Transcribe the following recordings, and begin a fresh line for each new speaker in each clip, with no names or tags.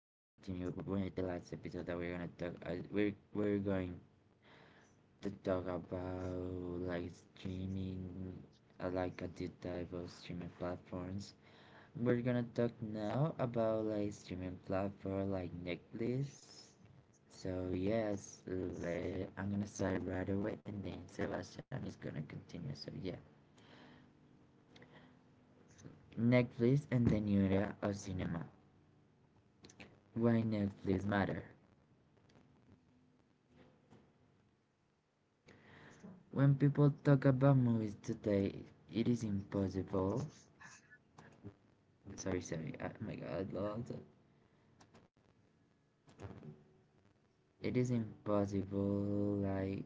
with the last episode that we're gonna talk. We're going to talk about like streaming, like a deep dive of streaming platforms. We're gonna talk now about like streaming platform like Netflix. So yes, I'm gonna start right away, and then Sebastian is gonna continue. So yeah, Netflix and the new era of cinema. Why Netflix matter. When people talk about movies today, it is impossible. Sorry, sorry. Oh my God, Lord. It is impossible, like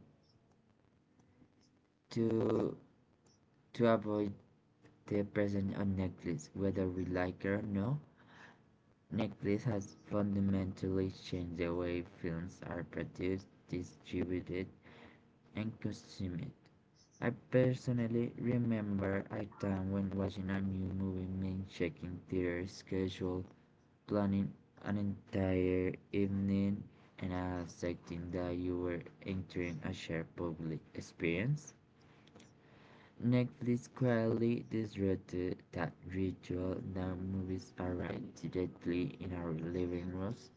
to avoid the presence on Netflix, whether we like it or no. Netflix has fundamentally changed the way films are produced, distributed, and consumed. I personally remember a time when watching a new movie meant checking theater schedule, planning an entire evening, and accepting that you were entering a shared public experience. Netflix quietly disrupted that ritual. Now movies arrive directly in our living rooms,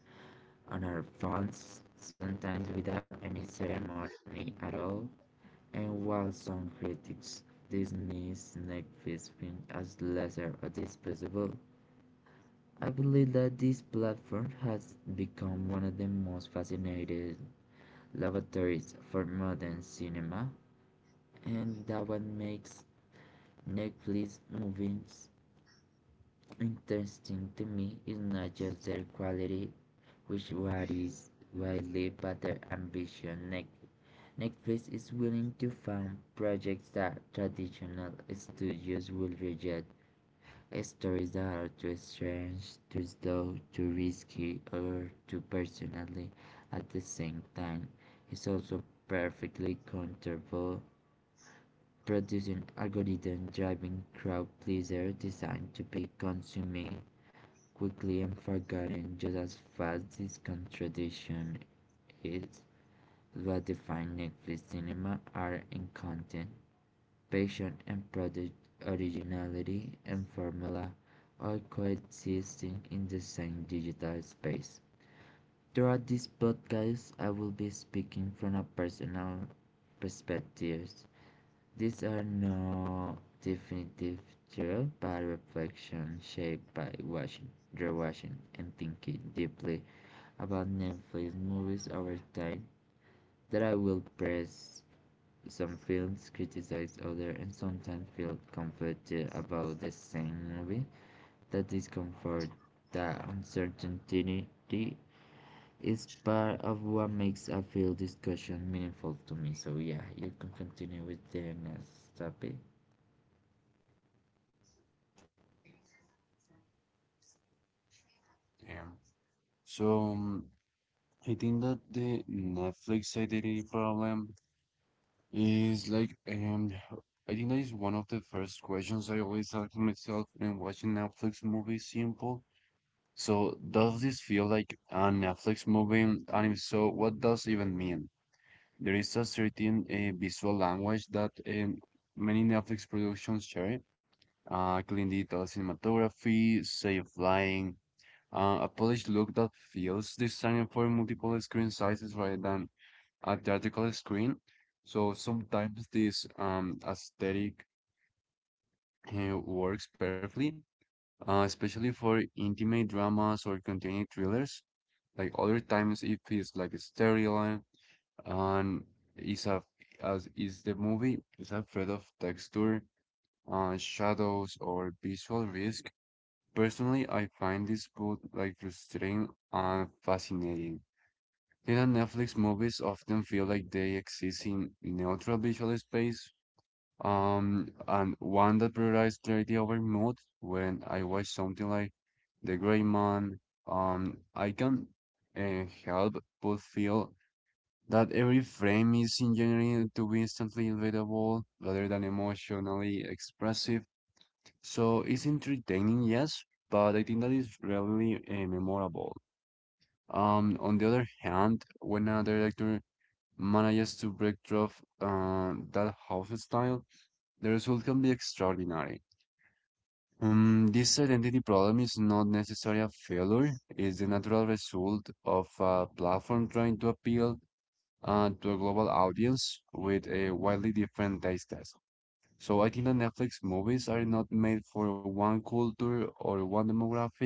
on our phones, sometimes without any ceremony at all. And while some critics dismiss Netflix films as lesser or disposable, I believe that this platform has become one of the most fascinating laboratories for modern cinema, and that what makes Netflix movies interesting to me is not just their quality, which varies widely, but their ambition. Netflix is willing to fund projects that traditional studios will reject. Stories that are too strange, too slow, too risky, or too personally. At the same time, is also perfectly counterable, producing algorithm driving crowd pleaser designed to be consumed quickly and forgotten just as fast. This contradiction is what defines Netflix cinema, art and content. Passion and prodigy, originality and formula are coexisting in the same digital space. Throughout this podcast, I will be speaking from a personal perspective. These are no definitive truth, but reflection shaped by watching, rewatching, and thinking deeply about Netflix movies over time. That I will press some films, criticize others, and sometimes feel conflicted about the same movie. The discomfort, the uncertainty is part of what makes a film discussion meaningful to me. So yeah, you can continue with the next topic.
Yeah. So um, I think that the Netflix identity problem is like I think that is one of the first questions I always ask myself when watching Netflix movies simple. So does this feel like a Netflix movie? And if so, what does even mean? There is a certain visual language that many Netflix productions share. Clean digital cinematography, safe flying, a polished look that feels designed for multiple screen sizes rather than a theatrical screen. So sometimes this aesthetic works perfectly, especially for intimate dramas or contained thrillers. Like other times, it feels like sterile and is a as is the movie is afraid of texture, shadows, or visual risk. Personally, I find this both like frustrating and fascinating. Later Netflix movies often feel like they exist in neutral visual space, and one that prioritizes clarity over mood. When I watch something like The Gray Man, I can help but feel that every frame is engineered to be instantly relatable rather than emotionally expressive. So it's entertaining, yes, but I think that is rarely memorable. On the other hand, when a director manages to break through that house style, the result can be extraordinary. This identity problem is not necessarily a failure, it's the natural result of a platform trying to appeal to a global audience with a widely different taste test. So I think that Netflix movies are not made for one culture or one demographic.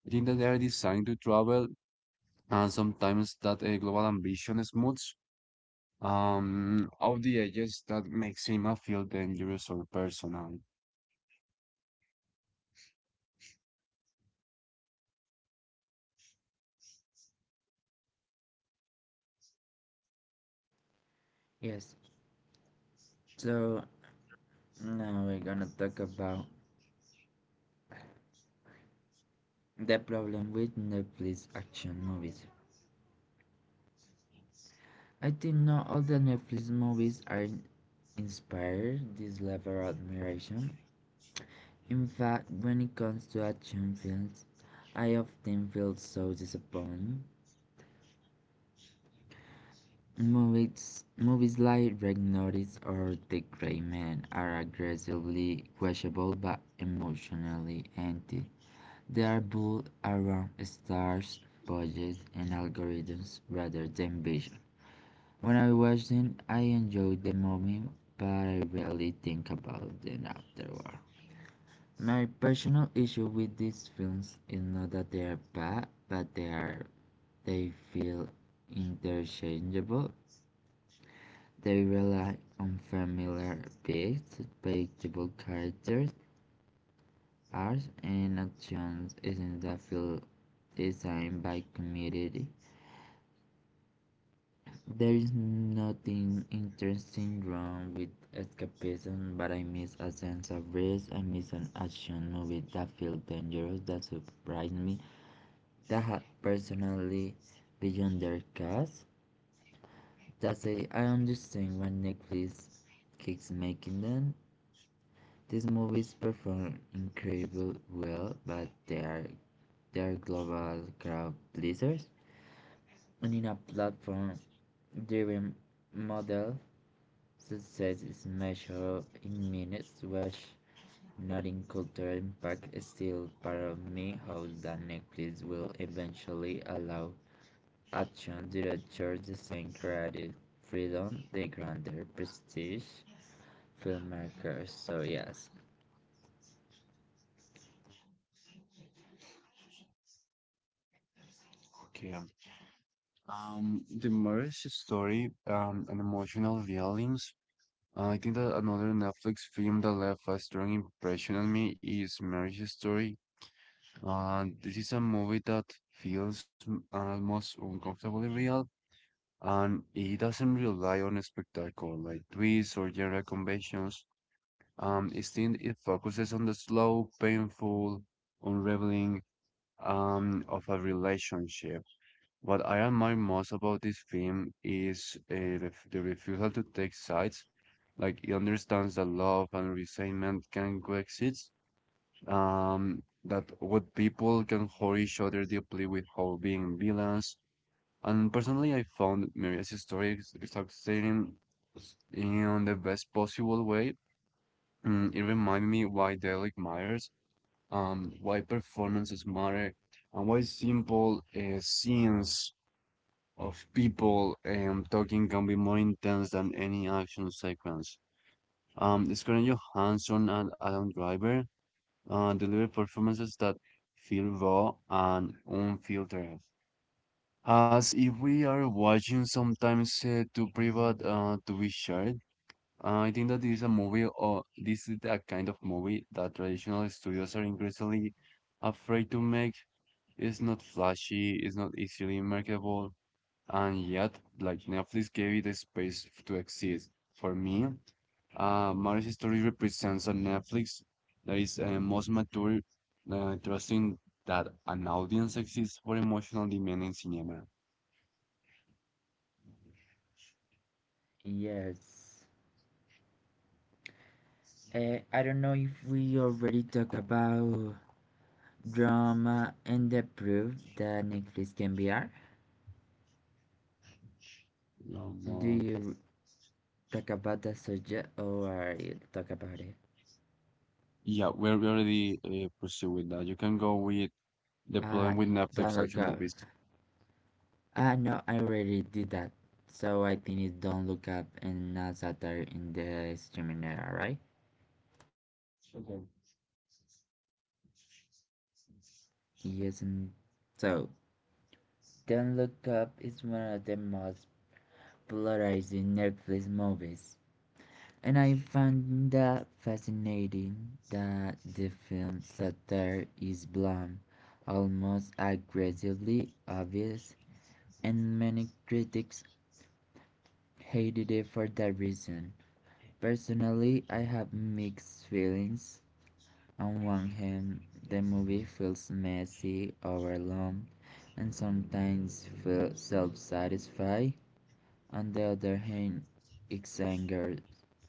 I think that they are designed to travel, and sometimes that a global ambition is of the edges that makes him a feel dangerous or personal.
Yes, so now we're gonna talk about the problem with Netflix action movies. I think not all the Netflix movies are inspire this level of admiration. In fact, when it comes to action films, I often feel so disappointed. Movies like Red Notice or The Gray Man are aggressively questionable but emotionally empty. They are built around stars, budgets, and algorithms rather than vision. When I watch them, I enjoy the moment, but I rarely think about them afterward. My personal issue with these films is not that they are bad, but they feel interchangeable. They rely on familiar beats, predictable characters, arcs, and actions isn't that feel designed by community. There is nothing interesting wrong with escapism, but I miss a sense of risk. I miss an action movie that feels dangerous, that surprised me, that had personally beyond their cast. That's it. I understand why Netflix keeps making them. These movies perform incredibly well, but they are global crowd pleasers. And in a platform driven model, success is measured in minutes, which not in cultural impact is still part of me how that Netflix will eventually allow Action directors disintegrated freedom, they granted prestige filmmakers. So yes,
Okay. The marriage story, and emotional feelings. I think that another Netflix film that left a strong impression on me is Marriage Story. This is a movie that feels almost uncomfortably real, and it doesn't rely on a spectacle like twists or genre conventions. Instead, it focuses on the slow, painful, unraveling of a relationship. What I admire most about this film is ref the refusal to take sides. Like it understands that love and resentment can coexist. That what people can hurt each other deeply without being villains. And personally, I found Maria's story exciting in the best possible way. It reminded me why Dalek Myers and why performances matter and why simple scenes of people talking can be more intense than any action sequence. Scarlett Johansson and Adam Driver deliver performances that feel raw and unfiltered, as if we are watching sometimes too private to be shared. I think that this is a movie, or this is a kind of movie that traditional studios are increasingly afraid to make it's not flashy, it's not easily marketable, and yet, like Netflix gave it a space to exist. For me, Marriage Story represents a Netflix that is most mature, trusting that an audience exists for emotional demanding cinema.
yes. I don't know if we already talked about drama and the proof that Netflix can be art.
Um,
Do
uh,
you talk about the subject or are you talk about it?
yeah, we already pursuing that. You can go with the problem
Uh,
with
don't
Netflix
look
action
up.
movies.
Ah, no, I already did that. So I think it's don't look up and not satire in the streaming era, right? Yes, and so Don't Look Up is one of the most polarizing Netflix movies, and I found that fascinating that the film's satire is blunt, almost aggressively obvious, and many critics hated it for that reason. Personally, I have mixed feelings. On one hand, the movie feels messy, overwhelmed, and sometimes feels self-satisfied. On the other hand, Ixangar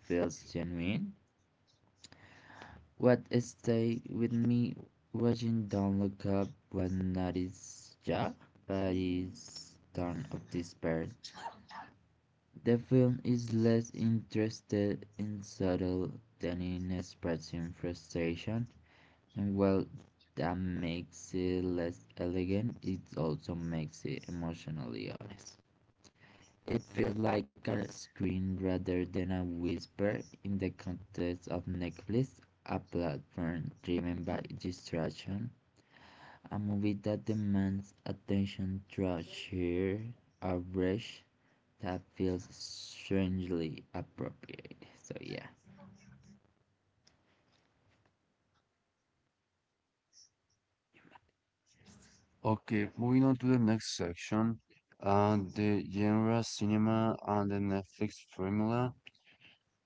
feels genuine. What stayed with me watching Don look up was not his jaw, but his tone of despair. The film is less interested in subtle than in expressing frustration, and while that makes it less elegant, it also makes it emotionally honest. It feels like a scream rather than a whisper in the context of Netflix, a platform driven by distraction, a movie that demands attention through sheer outrage that feels strangely appropriate. So yeah.
Okay, moving on to the next section, the genre cinema and the Netflix formula.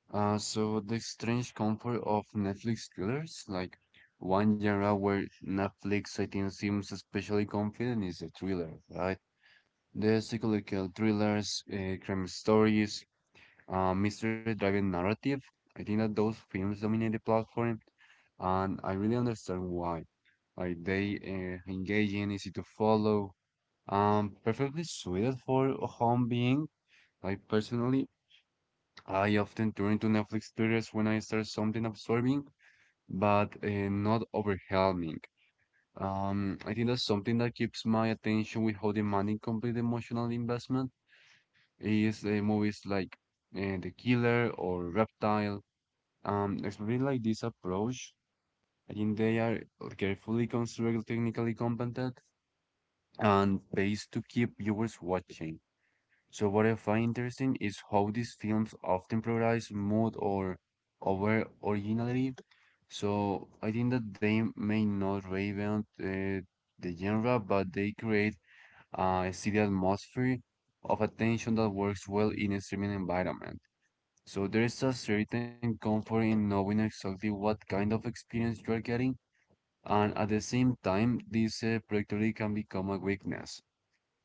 So the strange comfort of Netflix thrillers, like one genre where Netflix, I think, seems especially confident is the thriller, right? The psychological thrillers, crime stories, mystery-driven narrative. I think that those films dominate the platform, and I really understand why. Like they engaging, easy to follow perfectly suited for a home being. Like personally, I often turn to Netflix series when I start something absorbing, but not overwhelming. I think that's something that keeps my attention without demanding complete emotional investment is movies like The Killer or Reptile. Especially like this approach, I think they are carefully constructed, technically competent, and paced to keep viewers watching. So what I find interesting is how these films often prioritize mood or over originality. So I think that they may not reinvent the genre, but they create a city atmosphere of attention that works well in a streaming environment. So there is a certain comfort in knowing exactly what kind of experience you are getting, and at the same time, this predictability can become a weakness.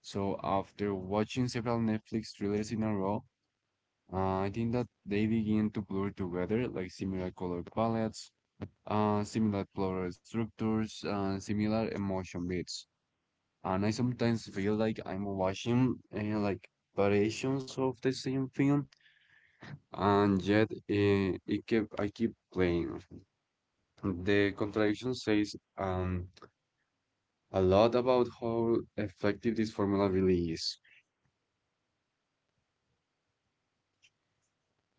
So after watching several Netflix thrillers in a row, I think that they begin to blur together, like similar color palettes, similar floral structures, and similar emotion beats. And I sometimes feel like I'm watching like variations of the same film, and yet I keep playing. The contradiction says a lot about how effective this formula really is.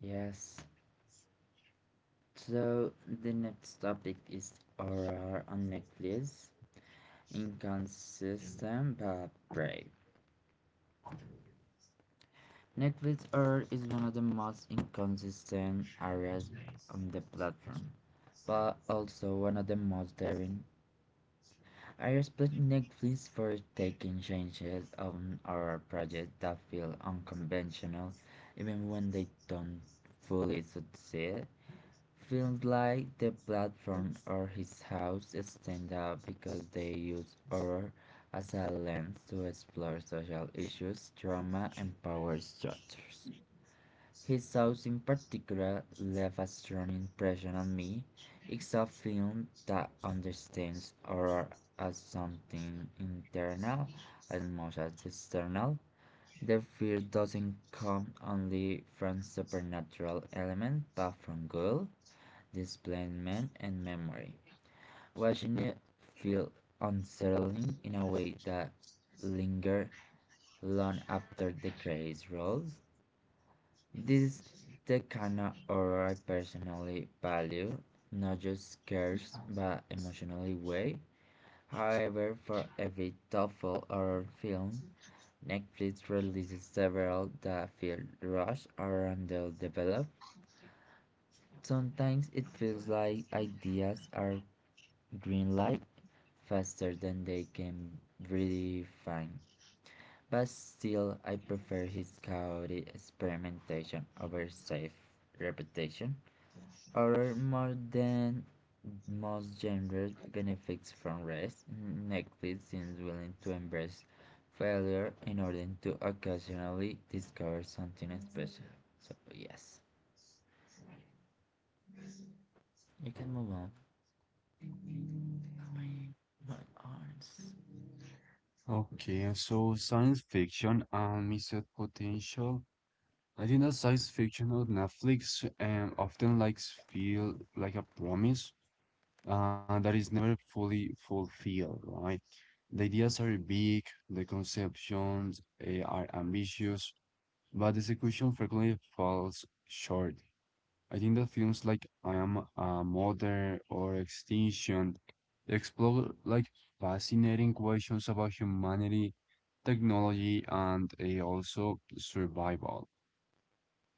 Yes. So the next topic is horror on Netflix. Inconsistent but brave. Netflix Earth is one of the most inconsistent areas on the platform, but also one of the most daring. I respect Netflix for taking changes on our project that feel unconventional, even when they don't fully succeed. Films like The Platform or His House stand out because they use horror as a lens to explore social issues, trauma, and power structures. His shows in particular left a strong impression on me. It's a film that understands horror as something internal as much as external. The fear doesn't come only from supernatural elements but from guilt, displacement, and memory. Watching it feel unsettling in a way that lingered long after the credits rolled. This is the kind of horror I personally value, not just scares, but emotionally way. However, for every thoughtful horror film, Netflix releases several that feel rushed or underdeveloped. Sometimes it feels like ideas are green faster than they can really find. But still, I prefer his chaotic experimentation over safe repetition. Or more than most genres benefits from rest. Netflix seems willing to embrace failure in order to occasionally discover something special. So yes, you can move on. My arms.
Okay, so science fiction and missed potential. Latina science fiction on Netflix often likes feel like a promise that is never fully fulfilled, right? The ideas are big, the conceptions are ambitious, but the execution frequently falls short. I think that films like I Am a Mother or Extinction explore like fascinating questions about humanity, technology, and also survival.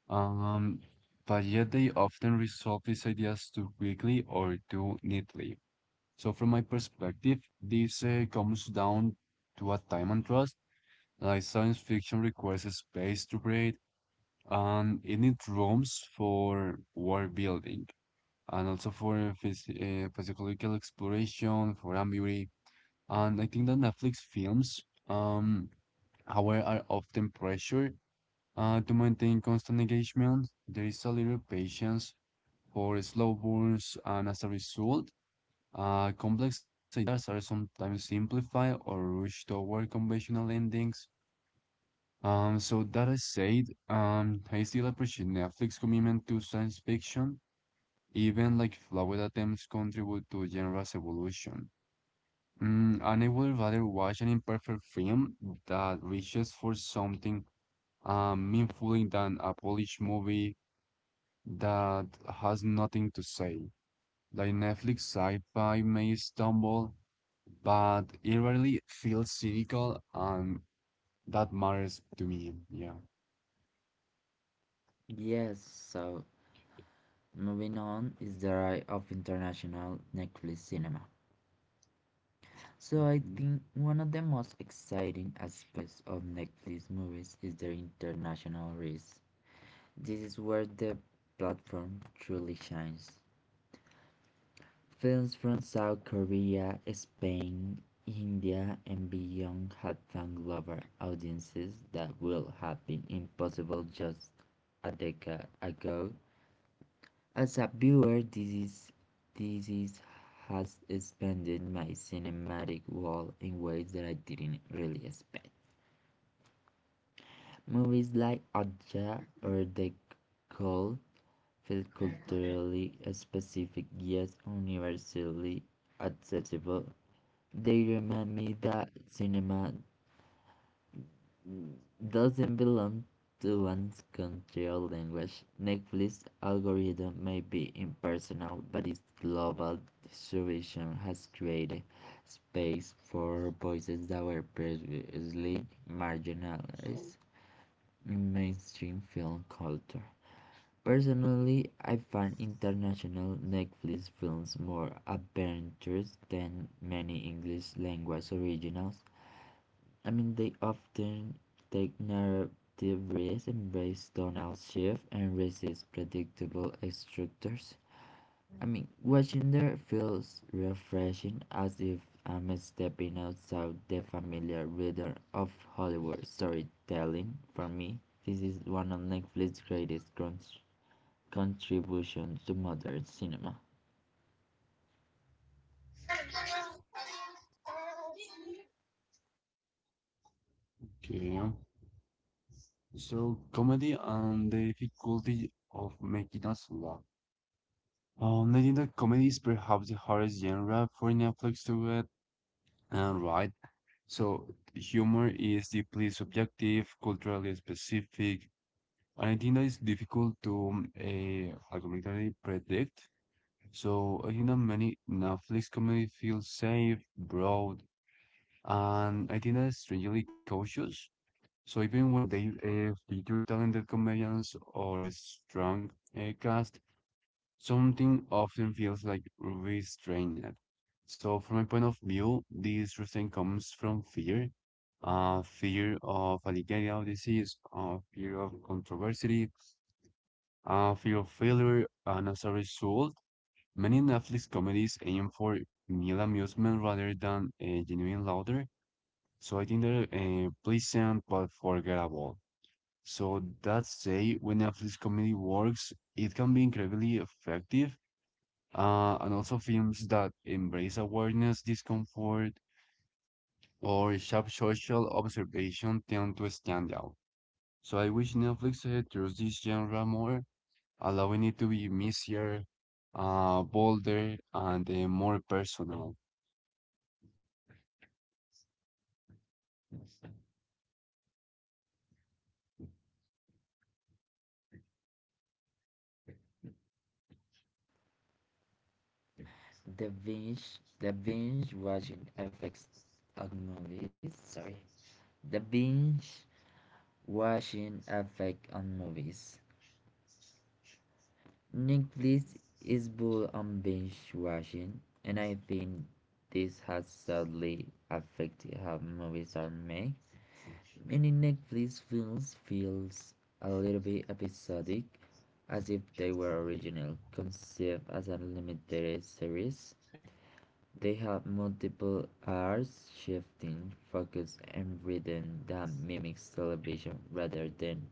Um, but yet they often resolve these ideas too quickly or too neatly. So from my perspective, this comes down to a time and trust. Like science fiction requires a space to breathe, and it needs rooms for world building, and also for physiological exploration, for ambiguity. And I think that Netflix films, um, however, are often pressured to maintain constant engagement. There is a little patience for slow burns, and as a result, complex ideas are sometimes simplified or rushed toward conventional endings. So that I said, I still appreciate Netflix's commitment to science fiction, even like flawed attempts contribute to genre's evolution. And I would rather watch an imperfect film that reaches for something meaningful than a polished movie that has nothing to say. Like Netflix sci-fi may stumble, but it rarely feels cynical, and that matters to me. Yeah.
Yes, so moving on is the rise of international Netflix cinema. So I
Mhm.
think one of the most exciting aspects of Netflix movies is their international reach. This is where the platform truly shines. Films from South Korea, Spain, India, and beyond have found global audiences that would have been impossible just a decade ago. As a viewer, this is, has expanded my cinematic world in ways that I didn't really expect. Movies like Adja or The Call feel culturally specific yet universally accessible. They remind me that cinema doesn't belong to one's country or language. Netflix algorithm may be impersonal, but its global distribution has created space for voices that were previously marginalized in mainstream film culture. Personally, I find international Netflix films more adventurous than many English language originals. I mean, they often take narrative risks, embrace tone out shift, and resist predictable structures. I mean, watching there feels refreshing as if I'm stepping outside the familiar rhythm of Hollywood storytelling. For me, this is one of Netflix's greatest contribution to modern cinema.
Okay. So comedy and the difficulty of making us laugh. I think that comedy is perhaps the hardest genre for Netflix to get and right. So humor is deeply subjective, culturally specific, and I think that it's difficult to algorithmically predict. So, many Netflix comedy feels safe, broad, and I think that's strangely cautious. So even when they feature talented comedians or a strong cast, something often feels like restrained. So from my point of view, this restraint comes from fear, fear of Alzheimer's disease, fear of controversy, fear of failure, and as a result, many Netflix comedies aim for mere amusement rather than genuine laughter, so I think they're pleasant but forgettable. So that say, when Netflix comedy works, it can be incredibly effective, and also films that embrace awareness, discomfort, or sharp social observation tend to stand out. So I wish Netflix trusts this genre more, allowing it to be messier, bolder, and more personal.
The binge, the binge watching affects on movies. Sorry, the binge watching effect on movies. Netflix is bull on binge watching, and I think this has sadly affected how movies are made. Many Netflix films feels a little bit episodic, as if they were original, conceived as a limited series. They have multiple hours, shifting focus and rhythm that mimics television rather than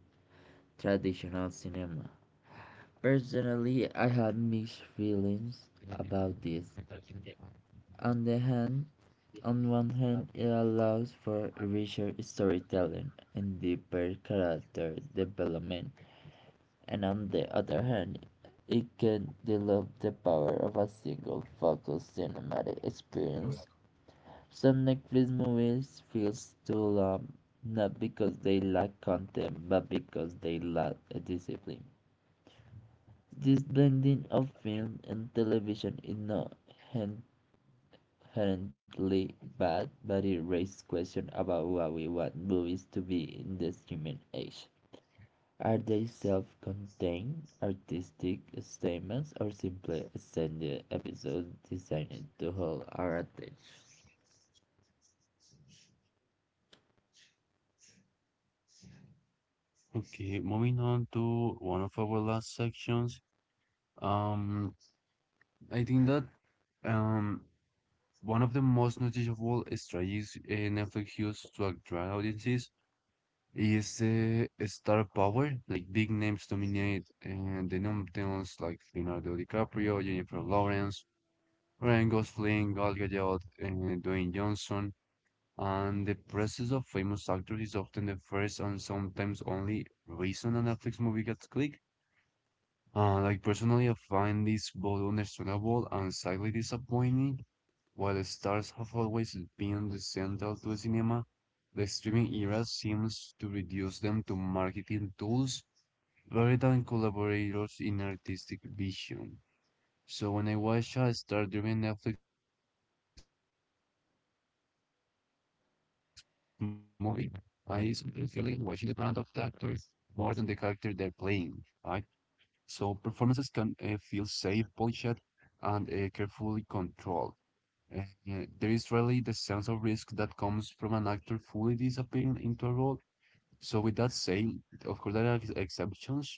traditional cinema. Personally, I have mixed feelings about this. On the hand, on one hand, it allows for richer storytelling and deeper character development, and on the other hand, it can develop the power of a single focused cinematic experience. Some Netflix movies feel too long, not because they lack content, but because they lack a discipline. This blending of film and television is not inherently bad, but it raises questions about what we want movies to be in the streaming age. Are they self-contained, artistic statements, or simply extended episodes designed to hold our attention?
Okay, moving on to one of our last sections. Um, I think that um one of the most noticeable strategies Netflix used to attract audiences is the star power. Like big names dominate, and the nominations like Leonardo DiCaprio, Jennifer Lawrence, Ryan Gosling, Gal Gadot, and Dwayne Johnson. And the presence of famous actors is often the first and sometimes only reason a Netflix movie gets clicked. Like personally, I find this both understandable and slightly disappointing. While the stars have always been the central to cinema, the streaming era seems to reduce them to marketing tools rather than collaborators in artistic vision. So when I watch a star-driven Netflix movie, I sometimes feel like watching the brand of the actors more than the character they're playing. I so performances can feel safe, polished, and carefully controlled. Uh, yeah, there is rarely the sense of risk that comes from an actor fully disappearing into a role. So with that said, of course there are exceptions.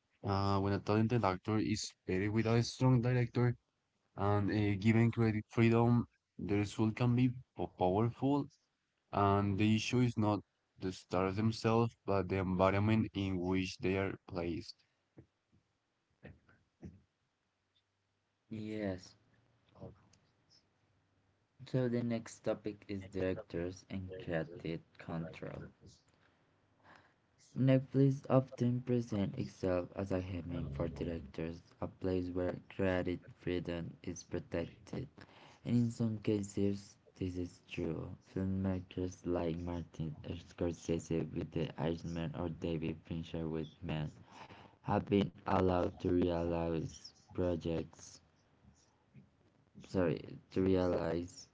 When a talented actor is paired with a strong director and given creative freedom, the result can be powerful. And the issue is not the stars themselves, but the environment in which they are placed.
Yes, so the next topic is directors and creative control. Netflix often presents itself as a haven for directors, a place where creative freedom is protected. And in some cases, this is true. Filmmakers like Martin Scorsese with The Irishman or David Fincher with Men have been allowed to realize projects, sorry, to realize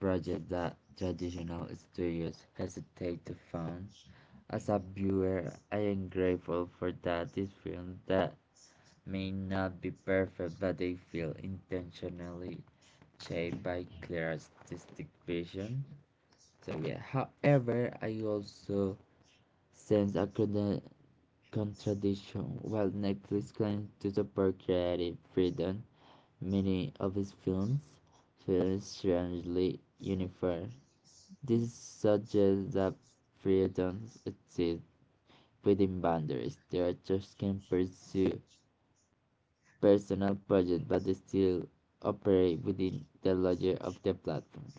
project that traditional studios hesitate to fund. As a viewer, I am grateful for that these films that may not be perfect but they feel intentionally shaped by clear artistic vision. So yeah, however, I also sense a contradiction while Netflix claims to support creative freedom, many of its films feel strangely uniform. This suggests that freedoms exist within boundaries. Directors can pursue personal projects but they still operate within the logic of the platform.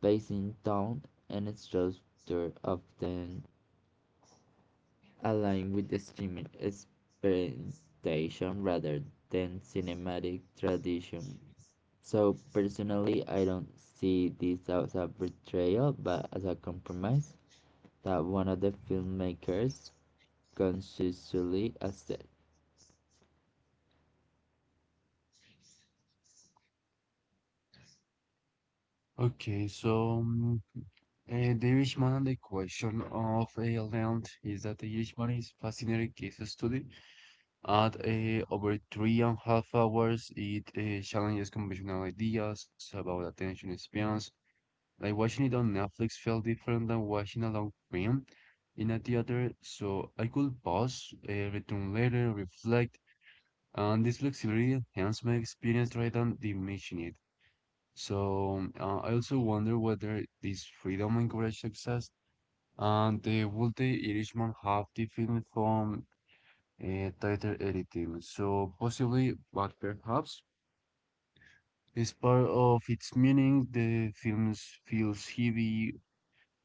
Pacing, tone, and structure often align with the streaming experimentation rather than cinematic tradition. So personally, I don't see this as a betrayal, but as a compromise that one of the filmmakers consciously accept.
Okay, so the Irish Man and the Question of a Land is that the Irish Man is fascinating case study. At over 3.5 hours, it challenges conventional ideas about attention spans. Like watching it on Netflix felt different than watching a long film in a theater, so I could pause, return later, reflect, and this flexibility enhanced my experience rather than diminishing it. So I also wonder whether this freedom encouraged success and would the Irishman have different from tighter editing? So possibly, but perhaps as part of its meaning, the film feels heavy,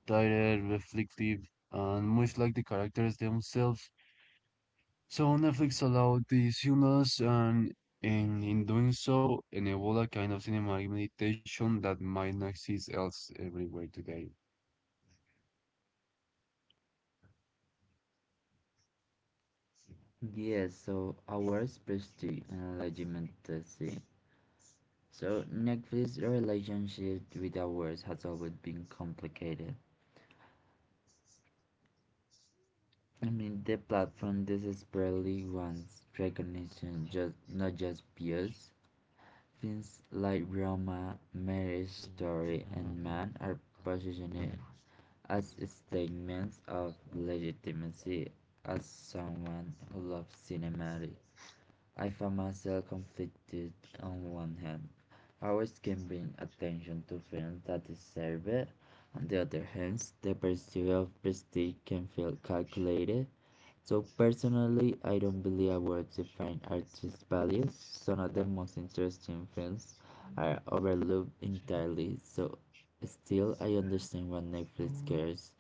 tired, reflective, and much like the characters themselves. So Netflix allowed these humorous and in doing so, enable a kind of cinematic meditation that might not exist else everywhere today.
Yes, so ours prestige and legitimacy. So Netflix's relationship with ours has always been complicated. I mean the platform desperately wants recognition just not just views. Things like Roma, Marriage Story and Man are positioned as statements of legitimacy. As someone who loves cinema, I found myself conflicted on one hand. Hours can bring attention to films that deserve it. On the other hand, the pursuit of prestige can feel calculated. So personally, I don't believe awards define artist values. Some of the most interesting films are overlooked entirely. So still, I understand why Netflix cares.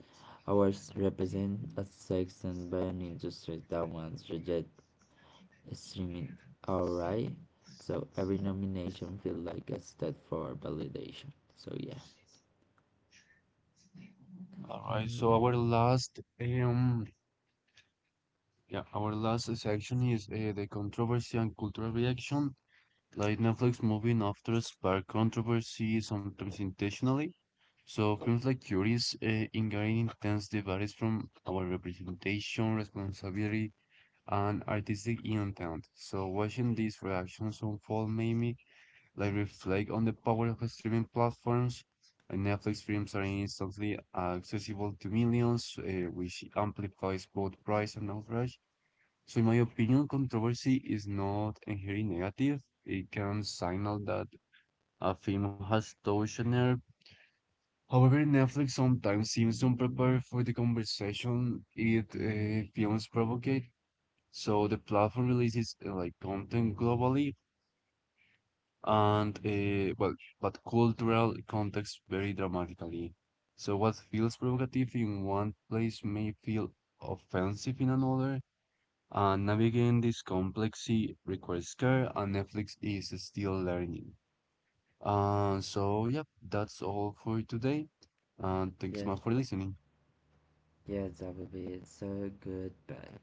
Awards represent a section by an industry that once rejected streaming. Alright, so every nomination feels like a step for validation. So yeah.
All right,
Mm,
so our last yeah, our last section is the controversy and cultural reaction. Like Netflix moving after spark controversy, sometimes intentionally. So films like Curious engage in intense debates from our representation, responsibility, and artistic intent. So watching these reactions unfold made me like reflect on the power of streaming platforms. And Netflix films are instantly accessible to millions, which amplifies both price and outrage. So, in my opinion, controversy is not inherently negative. It can signal that a film has touched a nerve. However, Netflix sometimes seems unprepared for the conversation it films provocate. So the platform releases like content globally and but cultural context vary dramatically. So what feels provocative in one place may feel offensive in another, and navigating this complexity requires care, and Netflix is still learning. So yeah, that's all for today, and thanks so
yes,
much for listening.
yes, that would be it. So goodbye.